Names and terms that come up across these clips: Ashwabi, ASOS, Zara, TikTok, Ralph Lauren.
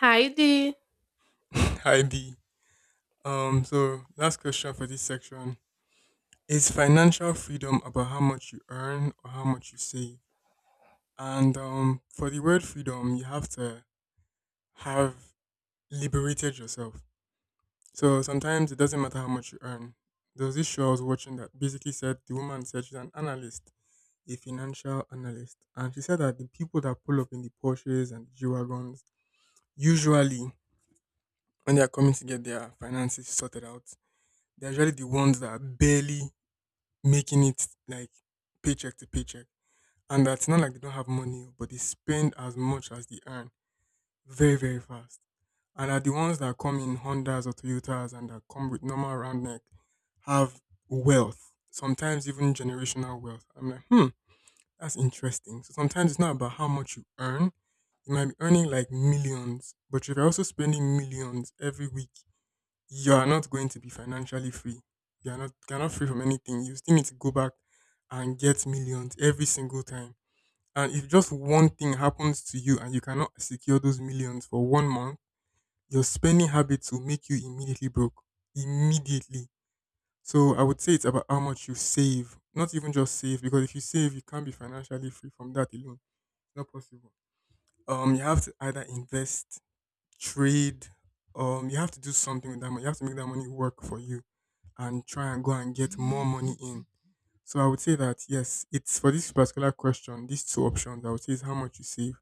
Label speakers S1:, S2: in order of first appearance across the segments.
S1: Hi there.
S2: Hi B. So last question for this section is financial freedom about how much you earn or how much you save? And for the word freedom, you have to have liberated yourself. So sometimes it doesn't matter how much you earn. There was this show I was watching that basically said the woman said she's an analyst, a financial analyst, and she said that the people that pull up in the Porsches and the G wagons usually when they are coming to get their finances sorted out, they're usually the ones that barely making it like paycheck to paycheck. And that's not like they don't have money, oh, but they spend as much as they earn very, very fast. And are the ones that come in Hondas or Toyotas and that come with normal round neck have wealth, sometimes even generational wealth. I'm like, hmm, that's interesting. So sometimes it's not about how much you earn. You might be earning like millions, but if you're also spending millions every week, you are not going to be financially free. You're not free from anything. You still need to go back and get millions every single time. And if just one thing happens to you and you cannot secure those millions for one month, your spending habits will make you immediately broke. Immediately. So I would say it's about how much you save. Not even just save, because if you save, you can't be financially free from that alone. It's not possible. You have to either invest, trade, you have to do something with that money. You have to make that money work for you and try and go and get more money in. So I would say that yes, it's for this particular question, these two options I would say is how much you save.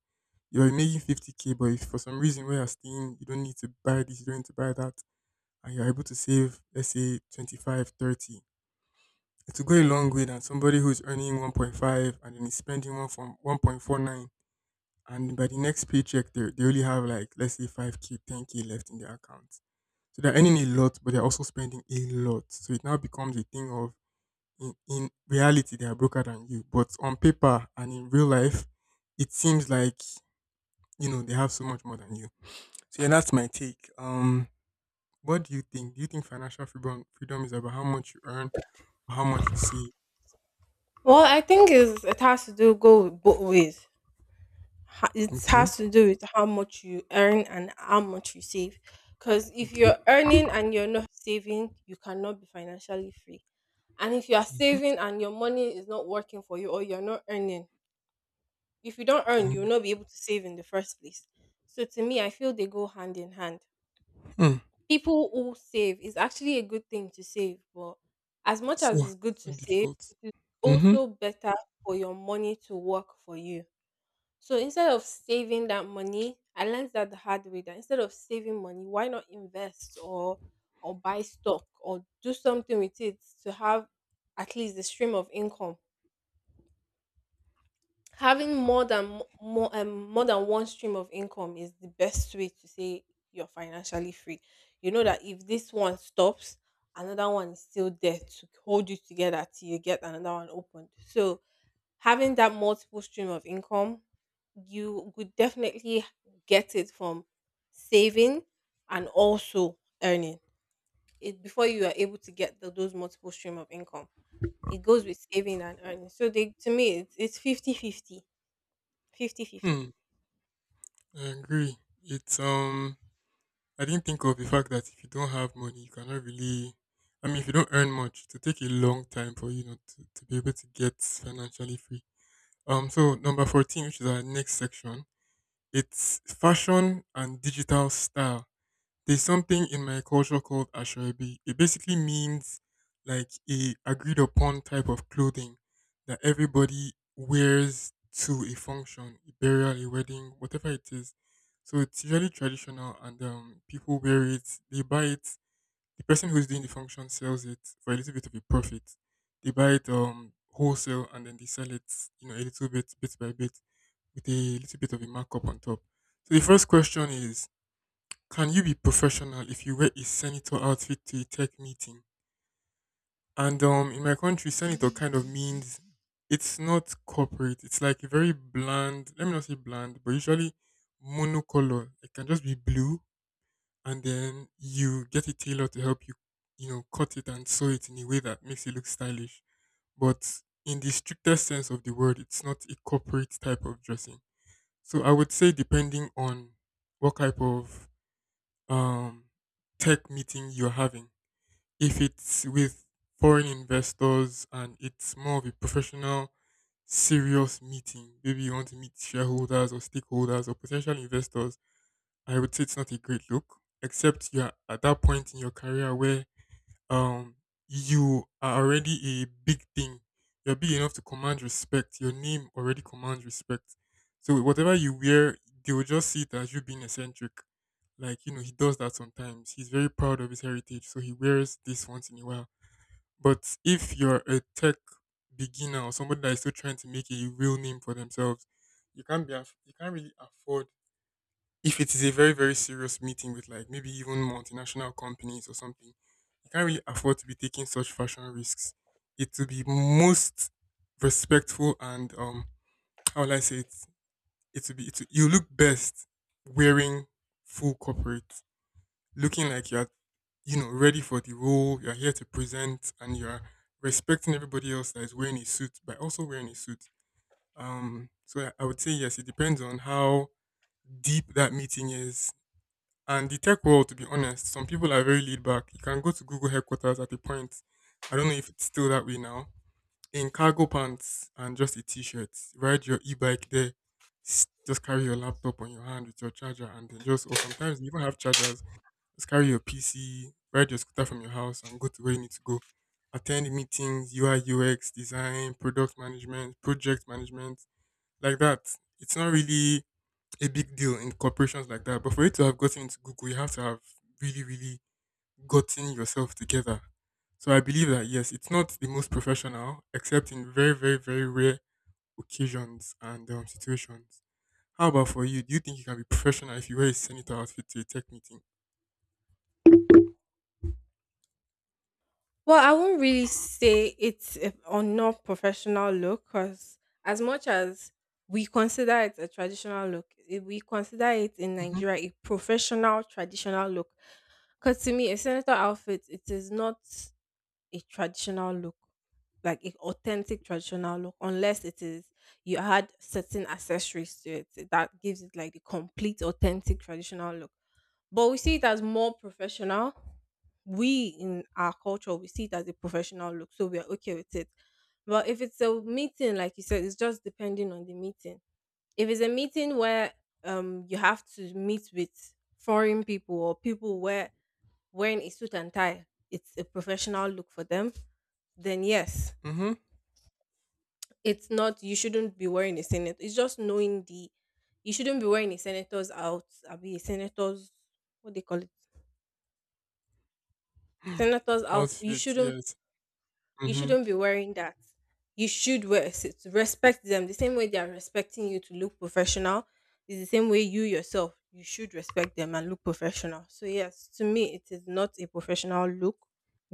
S2: You're making 50K, but if for some reason where you're staying, you don't need to buy this, you don't need to buy that, and you're able to save, let's say 25, 30. It will go a long way than somebody who's earning 1.5 and then is spending one from 1.49, and by the next paycheck they only have like let's say 5K 10K left in their account. So they're earning a lot, but they're also spending a lot. So it now becomes a thing of in reality they are broker than you, but on paper and in real life, it seems like they have so much more than you. So yeah, that's my take. What do you think? Do you think financial freedom is about how much you earn or how much you save?
S1: Well, I think is it has to do go with both ways. It
S2: Okay,
S1: has to do with how much you earn and how much you save. Because if
S2: okay.
S1: you're earning and you're not saving, you cannot be financially free. And if you are
S2: Mhm,
S1: saving and your money is not working for you or you're not earning, if you don't earn, you will
S2: mhm.
S1: not be able to save in the first place. So to me, I feel they go hand in hand.
S2: Hmm.
S1: People who save, it's actually a good thing to save, but as much as
S2: So
S1: it's good to
S2: so
S1: save,
S2: difficult.
S1: it is
S2: Mm-hmm.
S1: also better for your money to work for you. So instead of saving that money, I learned that the hard way, that instead of saving money, why not invest, or buy stock or do something with it to have at least the stream of income. Having more than one stream of income is the best way to say you're financially free. You know that if this one stops, another one is still there to hold you together till you get another one opened. So having that multiple stream of income, you would definitely get it from saving and also earning it. Before you are able to get those multiple stream of income, it goes with saving and earning, so they to me it's 50 50. Fifty-fifty.
S2: Hmm. I agree. It's I didn't think of the fact that if you don't have money, you cannot really. I mean, if you don't earn much, to take a long time for to be able to get financially free. So number 14, which is our next section, it's fashion and digital style. There's something in my culture called ashwabi. It basically means like a agreed upon type of clothing that everybody wears to a function, a burial, a wedding, whatever it is. So it's usually traditional, and people wear it. They buy it. The person who's doing the function sells it for a little bit of a profit. They buy it wholesale, and then they sell it, a little bit, bit by bit, with a little bit of a markup on top. So the first question is can you be professional if you wear a senator outfit to a tech meeting? And in my country, senator kind of means it's not corporate. It's like a very bland. Let me not say bland, but usually monocolor. It can just be blue, and then you get a tailor to help you, cut it and sew it in a way that makes it look stylish. But in the strictest sense of the word, it's not a corporate type of dressing. So I would say, depending on what type of um, tech meeting you're having. If it's with foreign investors and it's more of a professional, serious meeting, maybe you want to meet shareholders or stakeholders or potential investors, I would say it's not a great look, except you're at that point in your career where um you are already a big thing. You're big enough to command respect. Your name already commands respect. So whatever you wear, they will just see it as you being eccentric. Like, he does that sometimes. He's very proud of his heritage, so he wears this once in a while. But if you're a tech beginner or somebody that is still trying to make a real name for themselves, you can't really afford if it is a very very serious meeting with like maybe even multinational companies or something, you can't really afford to be taking such fashion risks. It will be most respectful and, how will I say it, it will be it will, you look best wearing full corporate, looking like you're ready for the role you're here to present, and you're respecting everybody else that is wearing a suit by also wearing a suit. Um so i I would say yes, it depends on how deep that meeting is. And the tech world, to be honest, some people are very laid back. You can go to Google headquarters at a point. I don't know if it's still that way now. In cargo pants and just a t-shirt, ride your e-bike there. Just carry your laptop on your hand with your charger, and then just or sometimes you even have chargers. Just carry your PC, ride your scooter from your house, and go to where you need to go. Attend meetings, UI UX design, product management, project management, like that. It's not really a big deal in corporations like that. But for you to have gotten into Google, you have to have really, really gotten yourself together. So I believe that yes, it's not the most professional, except in very, very, very rare occasions and situations. How about for you? Do you think you can be professional if you wear a senator outfit to a tech meeting?
S1: Well, I won't really say it's a non-professional look, because as much as we consider it a traditional look, we consider it in
S2: Mm-hmm.
S1: Nigeria a professional traditional look. Because to me, a senator outfit, it is not a traditional look, like a authentic traditional look, unless it is you add certain accessories to it that gives it like the complete authentic traditional look. But we see it as more professional. We in our culture, we see it as a professional look, so we are okay with it. But if it's a meeting, like you said, it's just depending on the meeting. If it's a meeting where you have to meet with foreign people, or people where wearing a suit and tie, it's a professional look for them, then yes,
S2: Mm-hmm.
S1: it's not, you shouldn't be wearing a senator. It's just knowing the, you shouldn't be wearing a senator's out. I'll be a senator's, what they call it. Senator's out. You
S2: Outfit,
S1: shouldn't
S2: yes.
S1: You
S2: Mm-hmm.
S1: shouldn't be wearing that. You should wear a suit. Respect them the same way they are respecting you to look professional. Is the same way you yourself you should respect them and look professional. So yes, to me it is not a professional look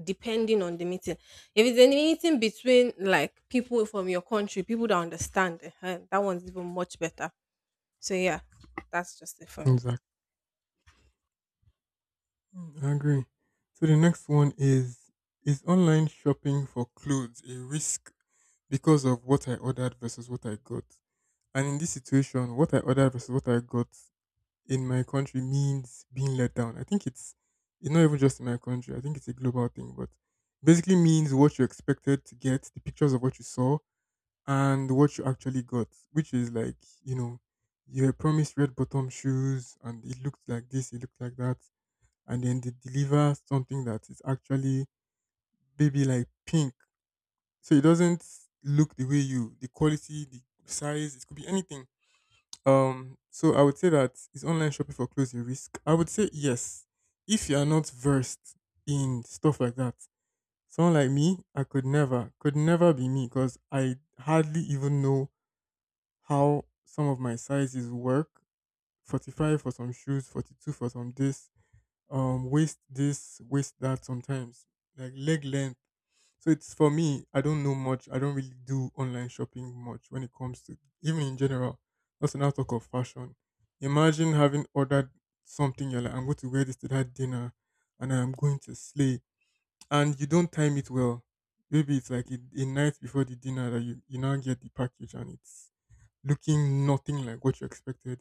S1: depending on the meeting. If it's a meeting between like people from your country, people that understand, eh, that one's even much better. So yeah, that's just it for me.
S2: Exactly. I agree. So the next one is online shopping for clothes a risk because of what I ordered versus what I got? And in this situation, what I ordered versus what I got in my country means being let down. I think it's not even just in my country. I think it's a global thing, but basically means what you expected to get, the pictures of what you saw, and what you actually got, which is like, you know, you were promised red bottom shoes, and it looked like this, it looked like that, and then they deliver something that is actually baby like pink. So it doesn't look the way you, the quality, the size, it could be anything. So I would say, that is online shopping for clothes a risk? I would say yes. If you are not versed in stuff like that, someone like me, I could never be me because I hardly even know how some of my sizes work. 45 for some shoes, 42 for some this, waist this, waist that sometimes. Like leg length, so it's for me, I don't know much. I don't really do online shopping much when it comes to even in general. That's when talk of fashion. Imagine having ordered something, you're like, I'm going to wear this to that dinner and I'm going to slay. And you don't time it well. Maybe it's like a night before the dinner that you now get the package, and it's looking nothing like what you expected.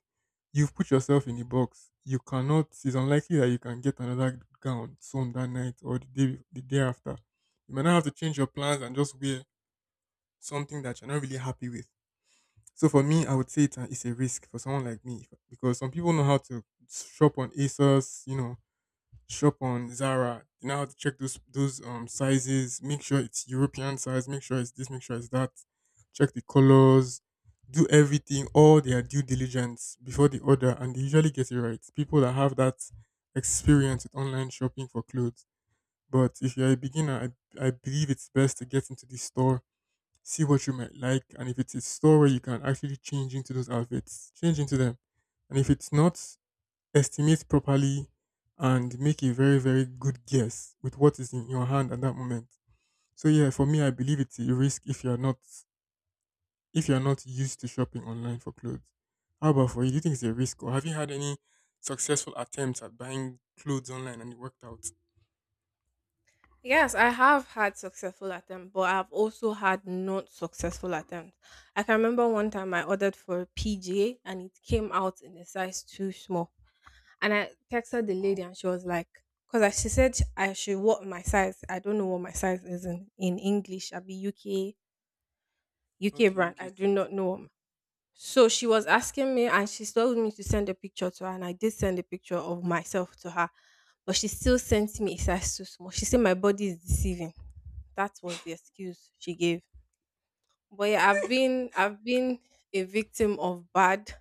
S2: You've put yourself in the box. You cannot. It's unlikely that you can get another gown sewn that night or the day after. You might not have to change your plans and just wear something that you're not really happy with. So for me, I would say it's a risk for someone like me because some people know how to shop on ASOS, shop on Zara. You know how to check those sizes. Make sure it's European size. Make sure it's this. Make sure it's that. Check the colors. Do everything, all their due diligence before the order, and they usually get it right. People that have that experience with online shopping for clothes. But if you're a beginner, I believe it's best to get into the store, see what you might like, and if it's a store where you can actually change into those outfits, change into them. And if it's not, estimate properly and make a very, very good guess with what is in your hand at that moment. So yeah, for me, I believe it's a risk if you're not used to shopping online for clothes. How about for you? Do you think it's a risk, or have you had any successful attempts at buying clothes online and it worked out?
S1: Yes, I have had successful attempts, but I've also had not successful attempts. I can remember one time I ordered for a PJ and it came out in a size too small. And I texted the lady
S2: Wow.
S1: and she was like, because she said I should what my size. I don't know what my size is in English. I'll be UK
S2: Okay,
S1: brand.
S2: UK
S1: I do
S2: size.
S1: not know what so she was asking me, and she told me to send a picture to her, and I did send a picture of myself to her. But she still sent me a size too small. She said my body is deceiving. That was the excuse she gave. But yeah, I've been a victim of bad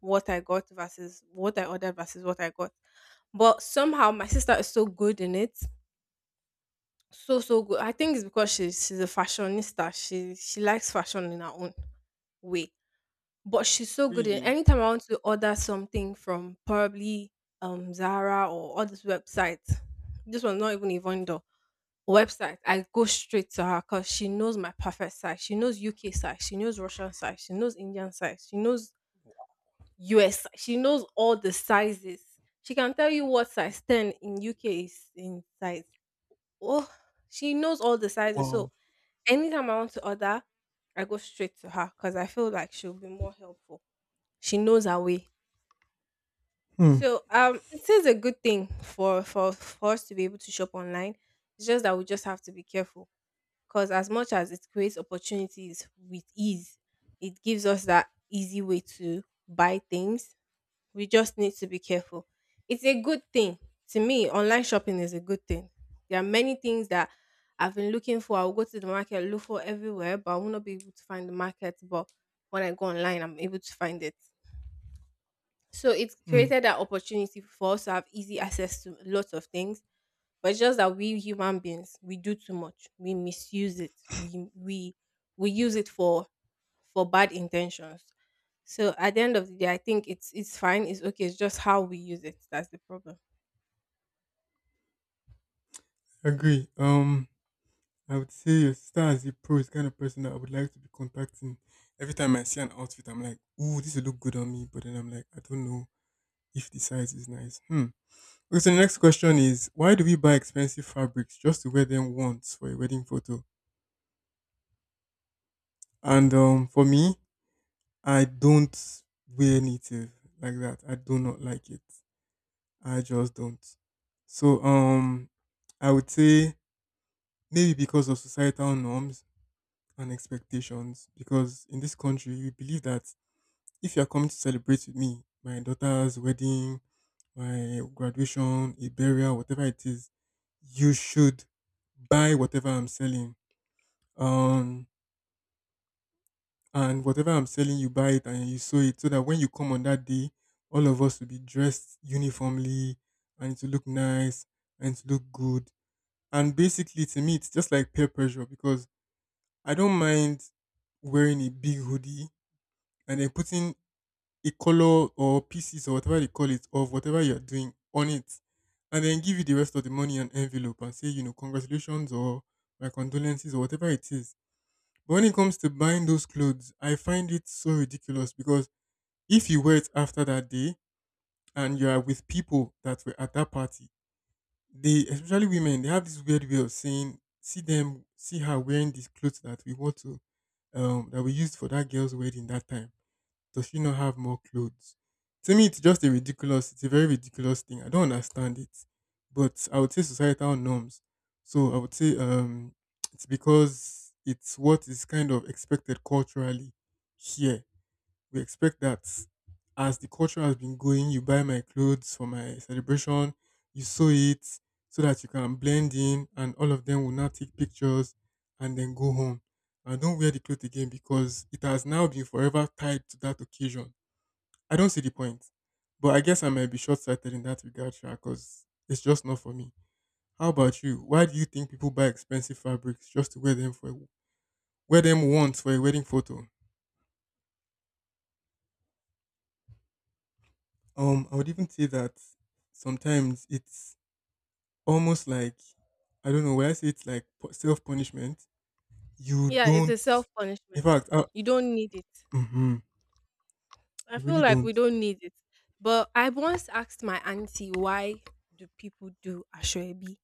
S1: what I got versus what I ordered versus what I got. But somehow my sister is so good in it. So good. I think it's because she's a fashionista. She likes fashion in her own way. But she's so good at
S2: Really?
S1: anytime I want to order something from probably Zara or all these websites. This one's not even a vendor website. I go straight to her because she knows my perfect size. She knows UK size. She knows Russian size. She knows Indian size. She knows US size. She knows all the sizes. She can tell you what size 10 in UK is in size. Oh, she knows all the sizes.
S2: Wow.
S1: So anytime I want to order, I go straight to her because I feel like she'll be more helpful. She knows her way.
S2: Hmm.
S1: So, it is a good thing for us to be able to shop online. It's just that we just have to be careful, because as much as it creates opportunities with ease, it gives us that easy way to buy things. We just need to be careful. It's a good thing. To me, online shopping is a good thing. There are many things that I've been looking for. I'll go to the market, look for everywhere, but I will not be able to find the market. But when I go online, I'm able to find it. So it's
S2: Hmm.
S1: created that opportunity for us to have easy access to lots of things. But it's just that we human beings, we do too much. We misuse it. We use it for bad intentions. So at the end of the day, I think it's fine, it's okay, it's just how we use it. That's the problem.
S2: Agree. I would say your sister as a pro is the kind of person that I would like to be contacting. Every time I see an outfit, I'm like, ooh, this will look good on me. But then I'm like, I don't know if the size is nice. Hmm. Okay, so the next question is, why do we buy expensive fabrics just to wear them once for a wedding photo? And For me, I don't wear native like that. I do not like it. I just don't. So I would say maybe because of societal norms and expectations. Because in this country, we believe that if you are coming to celebrate with me, my daughter's wedding, my graduation, a burial, whatever it is, you should buy whatever I'm selling. Um, and whatever I'm selling, you buy it and you sew it so that when you come on that day, all of us will be dressed uniformly and it will look nice and it will look good. And basically, to me, it's just like peer pressure because I don't mind wearing a big hoodie and then putting a color or pieces or whatever they call it of whatever you're doing on it and then give you the rest of the money in envelope and say, you know, congratulations or my condolences or whatever it is. But when it comes to buying those clothes, I find it so ridiculous because if you wear it after that day and you are with people that were at that party, they, especially women, they have this weird way of saying, see them, see her wearing these clothes that we want to, that we used for that girl's wedding that time, does she not have more clothes? To me, it's just a ridiculous, it's a very ridiculous thing. I don't understand it. But I would say societal norms. So I would say, it's because it's what is kind of expected culturally here. We expect that as the culture has been going, you buy my clothes for my celebration, you sew it so that you can blend in, and all of them will now take pictures and then go home. And don't wear the clothes again because it has now been forever tied to that occasion. I don't see the point. But I guess I might be short sighted in that regard, because it's just not for me. How about you? Why do you think people buy expensive fabrics just to wear them for wear them once for a wedding photo? I would even say that sometimes it's almost like, I don't know, when I say it's like self punishment. You
S1: Yeah, it's a
S2: don't,
S1: self
S2: in
S1: punishment.
S2: fact,
S1: You don't need it.
S2: mhm,
S1: I
S2: you
S1: feel
S2: really
S1: like
S2: don't.
S1: we don't need it. But I once asked my auntie why do people do Ashwebi,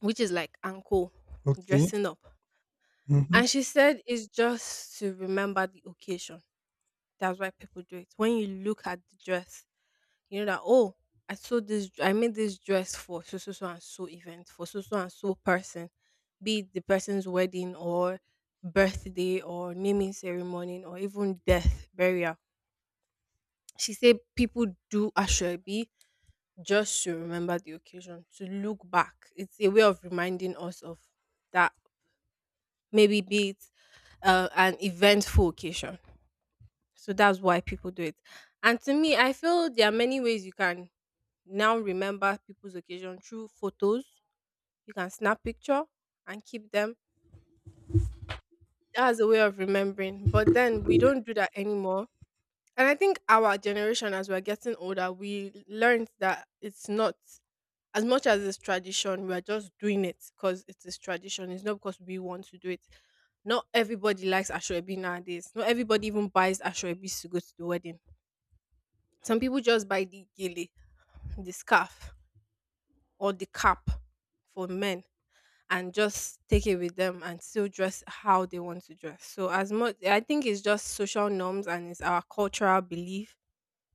S1: which is like ankle
S2: Okay.
S1: dressing up.
S2: Hmm.
S1: And she said it's just to remember the occasion. That's why people do it. When you look at the dress, you know that oh, I made this dress for so so and so event, for so and so person, be it the person's wedding or birthday or naming ceremony or even death, burial. She said people do Ashwebi just to remember the occasion, to look back. It's a way of reminding us of that, maybe be it an eventful occasion. So that's why people do it. And to me, I feel there are many ways you can now remember people's occasion through photos. You can snap picture and keep them. That's a way of remembering. But then we don't do that anymore. And I think our generation, as we're getting older, we learned that it's not. As much as it's tradition, we are just doing it because it is tradition. It's not because we want to do it. Not everybody likes Ashwebi nowadays. Not everybody even buys Ashwebis to go to the wedding. Some people just buy the gele, the scarf, or the cap for men and just take it with them and still dress how they want to dress. So as much, I think it's just social norms and it's our cultural belief,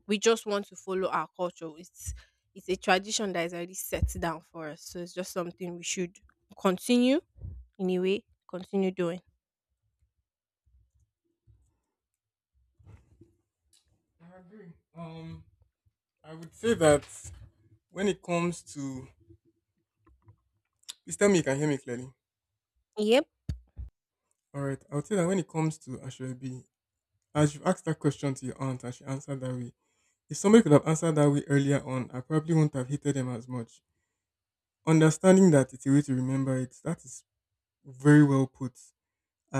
S1: we just want to follow our culture. It's a tradition that is already set down for us. So it's just something we should continue, in a way, continue doing.
S2: I agree. I would say that when it comes to, please tell me you can hear me clearly.
S1: Yep.
S2: All right. I would say that when it comes to Ashwebi, as you've asked that question to your aunt and she answered that way, if somebody could have answered that way earlier on, I probably wouldn't have hated them as much, understanding that it's a way to remember it that is— Very well put.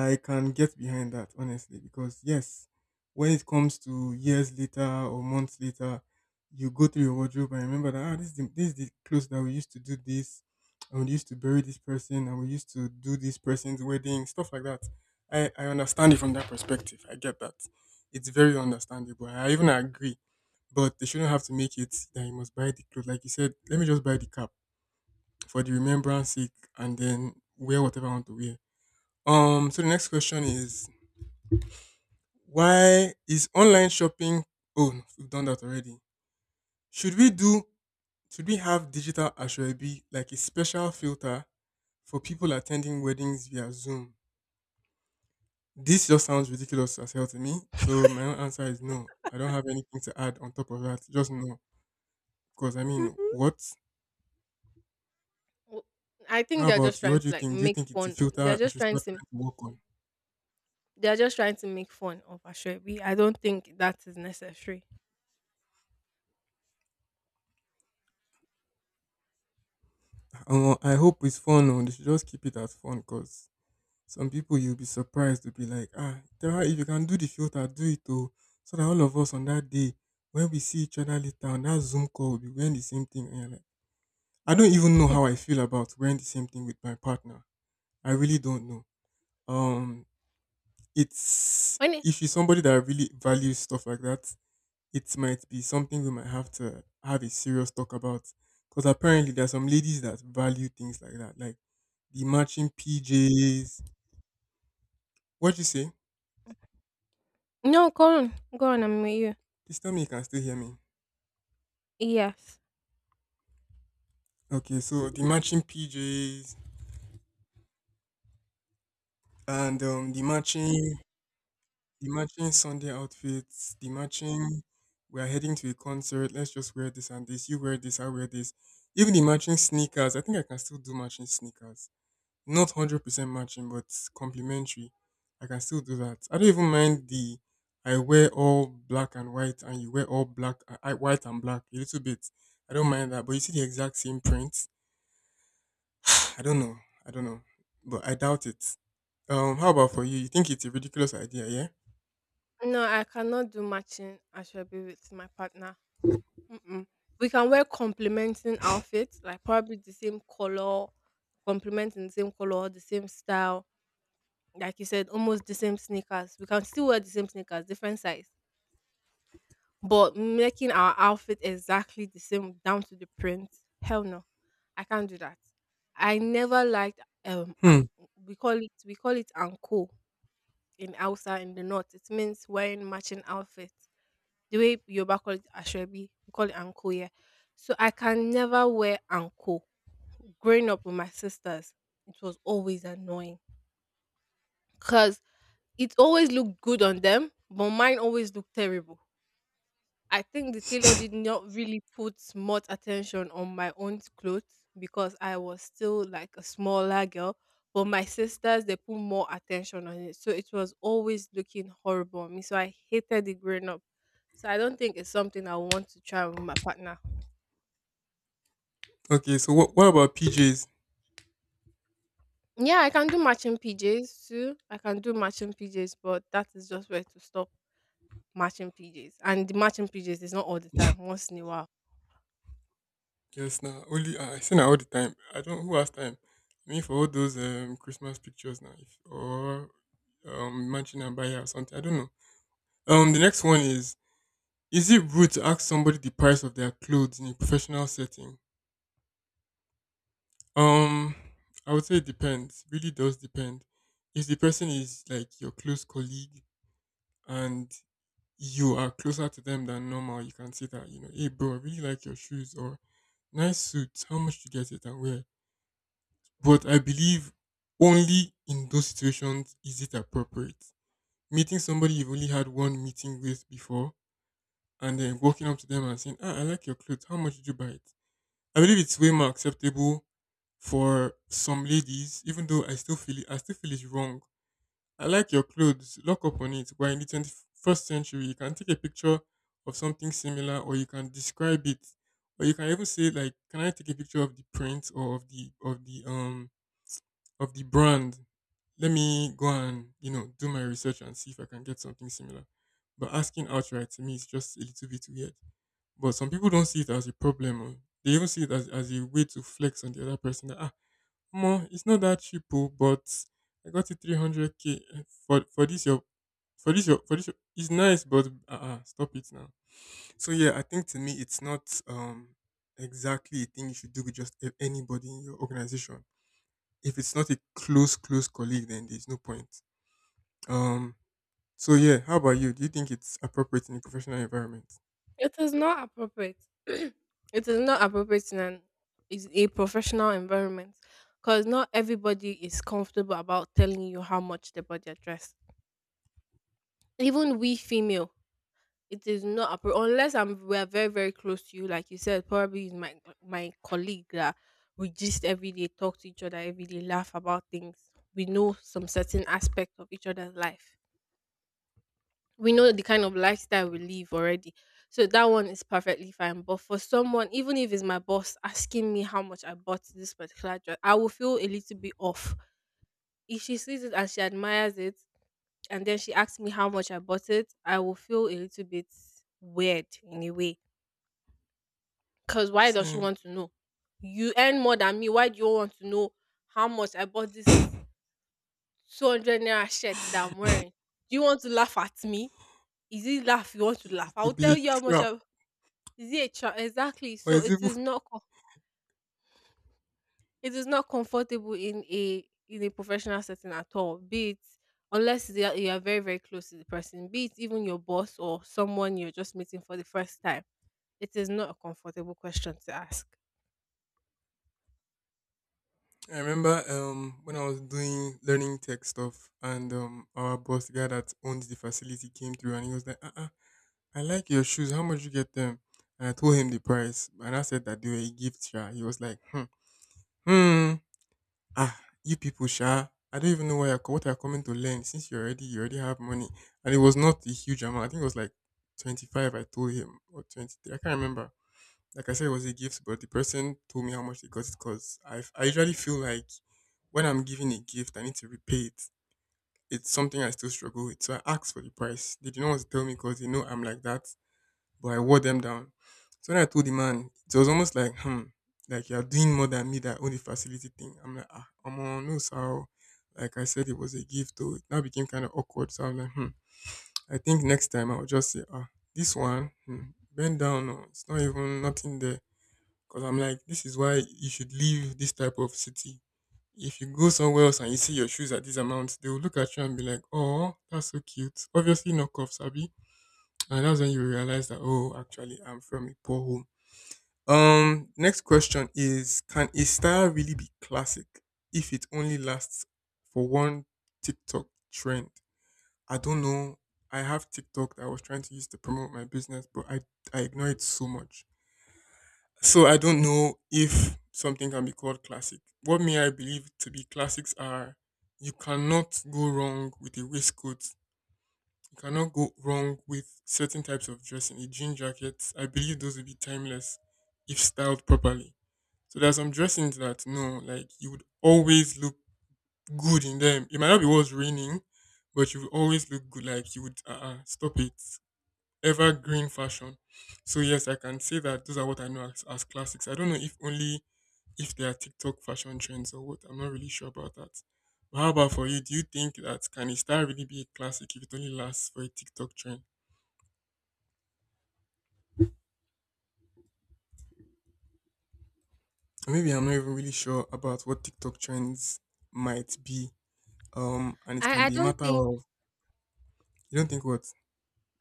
S2: I can get behind that, honestly, because yes, when it comes to years later or months later, you go through your wardrobe and remember that, ah, this is this is the clothes that we used to do this, and we used to bury this person, and we used to do this person's wedding, stuff like that. I understand it from that perspective. I get that. It's very understandable. I even agree. But they shouldn't have to make it that you must buy the clothes. Like you said, let me just buy the cap for the remembrance sake and then wear whatever I want to wear. So the next question is, why is online shopping— oh no, we've done that already. Should we do should we have digital Ashwebi like a special filter for people attending weddings via Zoom? This just sounds ridiculous as hell to me. So my own answer is no. I don't have anything to add on top of that. Just no. Because I mean,
S1: hmm
S2: what?
S1: I think
S2: How
S1: they're just
S2: about you? What
S1: trying
S2: do
S1: to
S2: you
S1: like
S2: think? Do you
S1: make
S2: think it's a
S1: fun. They're
S2: filter I
S1: just
S2: should
S1: trying
S2: start
S1: to
S2: trying to work on?
S1: they're just trying to make fun of Ashwebi. I don't think that is necessary.
S2: I hope it's fun. No, they should just keep it as fun because some people you'll be surprised to be like, ah, tell her if you can do the filter, do it too. So that all of us on that day, when we see each other later on that Zoom call, we'll be wearing the same thing. And you're like, I don't even know how I feel about wearing the same thing with my partner. I really don't know. Um, it's—
S1: When it,
S2: if she's somebody that really values stuff like that, it might be something we might have to have a serious talk about. Because apparently there are some ladies that value things like that, like the matching PJs. What you say?
S1: no, go on, go on. I'm with you.
S2: Please tell me you can still hear me.
S1: Yes.
S2: Okay, so the matching PJs and the matching Sunday outfits, the matching— we are heading to a concert, let's just wear this and this, you wear this, I wear this. Even the matching sneakers, I think I can still do matching sneakers. Not 100% matching, but complementary. I can still do that. I don't even mind the— I wear all black and white and you wear all black— white and black a little bit. I don't mind that, but you see the exact same print. I don't know. I don't know. But I doubt it. How about for you? You think it's a ridiculous idea, yeah?
S1: No, I cannot do matching Ashwebi with my partner. Mm-mm. We can wear complementing outfits, like probably the same color, complementing the same color, the same style. Like you said, almost the same sneakers. We can still wear the same sneakers, different size, but making our outfit exactly the same down to the print. Hell no, I can't do that. I never liked
S2: Hmm.
S1: we call it anko in Hausa in the north. It means wearing matching outfits. The way Yoruba call it Ashwebi, we call it anko here. So I can never wear anko. Growing up with my sisters, it was always annoying because it always looked good on them, but mine always looked terrible. I think the tailor did not really put much attention on my own clothes because I was still like a smaller girl. But my sisters, they put more attention on it. So it was always looking horrible on me. So I hated it growing up. So I don't think it's something I want to try with my partner.
S2: Okay, so what about PJs?
S1: Yeah, I can do matching PJs too. I can do matching PJs, but that is just where to stop. Matching PJs. And the matching PJs is not all the time, once in a while.
S2: Yes, now only I see now all the time. I don't— who has time. I mean, for all those Christmas pictures now, if, or mansion and buyer or something. I don't know. The next one is: is it rude to ask somebody the price of their clothes in a professional setting? Um, I would say it depends. Really does depend. If the person is like your close colleague and you are closer to them than normal, you can see that, you know, hey bro, I really like your shoes or nice suits, how much do you get it and where? But I believe only in those situations is it appropriate. Meeting somebody you've only had one meeting with before and then walking up to them and saying, ah, I like your clothes, how much did you buy it? I believe it's way more acceptable for some ladies, even though I still feel it's wrong. I like your clothes. Lock up on it. We in the 21st century. You can take a picture of something similar or you can describe it. Or you can even say like, can I take a picture of the print or of the of the of the brand? Let me go and, you know, do my research and see if I can get something similar. But asking outright to me is just a little bit weird. But some people don't see it as a problem. Or they even see it as a way to flex on the other person that, ah, more, it's not that cheap, oh, but I got it 300k, eh, for for this your, it's nice, but uh-uh, stop it now. So yeah, I think to me it's not exactly a thing you should do with just a- anybody in your organization. If it's not a close colleague, then there's no point. Um. So yeah, how about you? Do you think it's appropriate in a professional environment?
S1: It is not appropriate. It is not appropriate in an is a professional environment, because not everybody is comfortable about telling you how much they body address. Even we female, it is not appropriate unless I'm we are very very close to you, like you said. Probably is my colleague that we gist every day, talk to each other every day, laugh about things. We know some certain aspect of each other's life. We know the kind of lifestyle we live already. So that one is perfectly fine. But for someone, even if it's my boss asking me how much I bought this particular dress, I will feel a little bit off. If she sees it and she admires it, and then she asks me how much I bought it, I will feel a little bit weird in a way. Because why does she
S2: Same.
S1: want to know? You earn more than me. Why do you want to know how much I bought this 200 naira shirt that I'm wearing? Do you want to laugh at me? Is it laugh you want to laugh?
S2: It
S1: I'll
S2: could be
S1: tell
S2: a
S1: you how much
S2: trap,
S1: I. Yeah, cha, exactly.
S2: or
S1: So
S2: is it—
S1: it is not comfortable in a professional setting at all, be it, unless they are you are very, very close to the person, be it even your boss or someone you're just meeting for the first time. It is not a comfortable question to ask.
S2: I remember when I was doing learning tech stuff and our boss, the guy that owned the facility, came through and he was like, I like your shoes. How much you get them? And I told him the price. And I said that they were a gift, sha. He was like, hmm, hmm, ah, you people, sha. I don't even know why you're, co- what you're coming to learn since you already have money. And it was not a huge amount. I think it was like 25 I told him, or 23. I can't remember. Like I said, it was a gift, but the person told me how much they got it because I usually feel like when I'm giving a gift, I need to repay it. It's something I still struggle with. So I asked for the price. They didn't want to tell me because they know I'm like that, but I wore them down. So when I told the man, it was almost like, hmm, like you're doing more than me that own the facility thing. I'm like, ah, I'm on no, so like I said, it was a gift, though. It now became kind of awkward. So I'm like, hmm, I think next time I'll just say, ah, this one, hmm, bend down, no, it's not even nothing there. Because I'm like, this is why you should leave this type of city. If you go somewhere else and you see your shoes at this amount, they will look at you and be like, oh, that's so cute. Obviously, not cuffs, Abby. And that's when you realize that, oh, actually, I'm from a poor home. Next question is, can a style really be classic if it only lasts for one TikTok trend? I don't know. I have TikTok that I was trying to use to promote my business, but I ignore it so much. So I don't know if something can be called classic. What may I believe to be classics are you cannot go wrong with a waistcoat. You cannot go wrong with certain types of dressing. A jean jacket, I believe those will be timeless if styled properly. So there are some dressings that no, like you would always look good in them. It might not be what's raining, but you would always look good. Like you would stop it. Evergreen fashion. So yes, I can say that those are what I know as classics. I don't know if only if they are TikTok fashion trends or what. I'm not really sure about that. But how about for you? Do you think that can a star really be a classic if it only lasts for a TikTok trend? Or maybe I'm not even really sure about what TikTok trends might be. And it can
S1: I I
S2: be a
S1: don't
S2: matter
S1: think
S2: of you don't think what?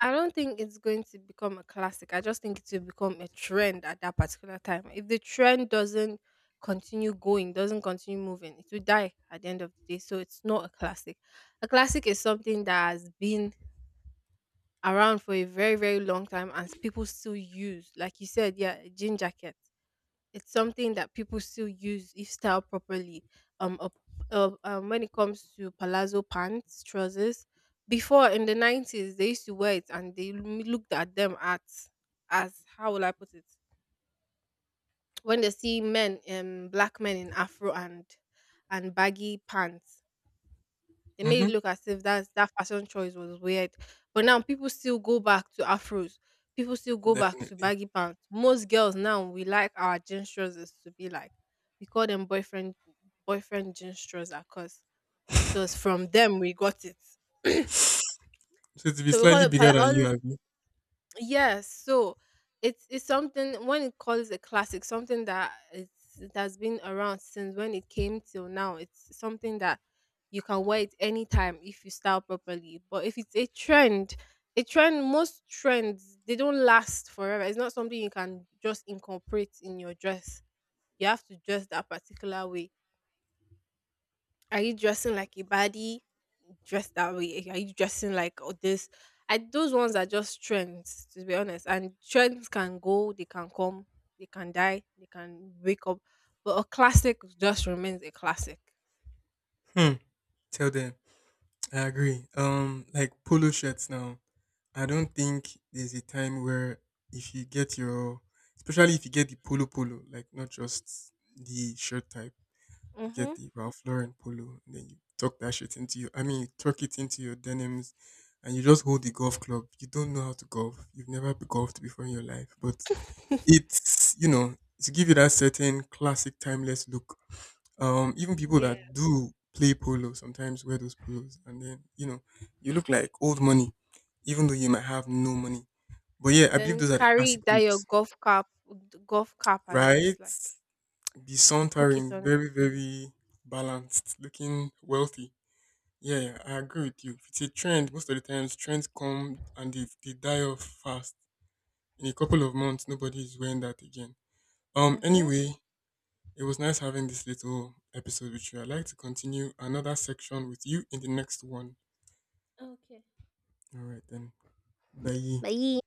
S1: I don't think it's going to become a classic. I just think it will become a trend at that particular time. If the trend doesn't continue going, doesn't continue moving, it will die at the end of the day. So it's not a classic. A classic is something that has been around for a very very long time and people still use, like you said, yeah, a jean jacket. It's something that people still use if styled properly. um, up- when it comes to palazzo pants trousers, before in the 90s they used to wear it, and they looked at them at, as, how will I put it, when they see men, black men in afro and baggy pants, they
S2: Mm-hmm.
S1: made it look as if that fashion choice was weird. But now people still go back to afros. People still go back to
S2: Definitely.
S1: baggy pants. Most girls now we like our jeans trousers to be like, we call them boyfriend jeans trousers, because it was from them we got it.
S2: So to be
S1: So we call
S2: slightly
S1: it
S2: bigger
S1: pal-
S2: than you,
S1: all
S2: Abby.
S1: Yes, so it's something. When it calls a classic, something that it has been around since when it came till now. It's something that you can wear it anytime if you style properly. But if it's a trend, most trends they don't last forever. It's not something you can just incorporate in your dress. You have to dress that particular way. Are you dressing like a baddie? Dress that way. Are you dressing like all this? Those ones are just trends, to be honest. And trends can go, they can come, they can die, they can wake up. But a classic just remains a classic.
S2: Hmm. Tell them. I agree. Like polo shirts now. I don't think there's a time where if you get your, especially if you get the polo, like not just the shirt type, you
S1: Mm-hmm.
S2: get the Ralph Lauren polo, and then you tuck that shit into your, I mean, you tuck it into your denims, and you just hold the golf club. You don't know how to golf. You've never golfed before in your life, but it's, you know, to give you that certain classic timeless look. Even people
S1: Yeah.
S2: that do play polo sometimes wear those polos, and then, you know, you look like old money, even though you might have no money. But yeah, I believe
S1: Then
S2: those are the classic
S1: carry that your
S2: looks,
S1: golf cap, and
S2: right?
S1: just like
S2: Be
S1: hook
S2: sauntering,
S1: it on.
S2: very very balanced, looking wealthy. Yeah, yeah, I agree with you. It's a trend, most of the times trends come and they die off fast. In a couple of months, nobody is wearing that again. Um,
S1: Mm-hmm.
S2: anyway, it was nice having this little episode with you. I'd like to continue another section with you in the next one.
S1: Okay.
S2: All right, then. Bye.
S1: Bye.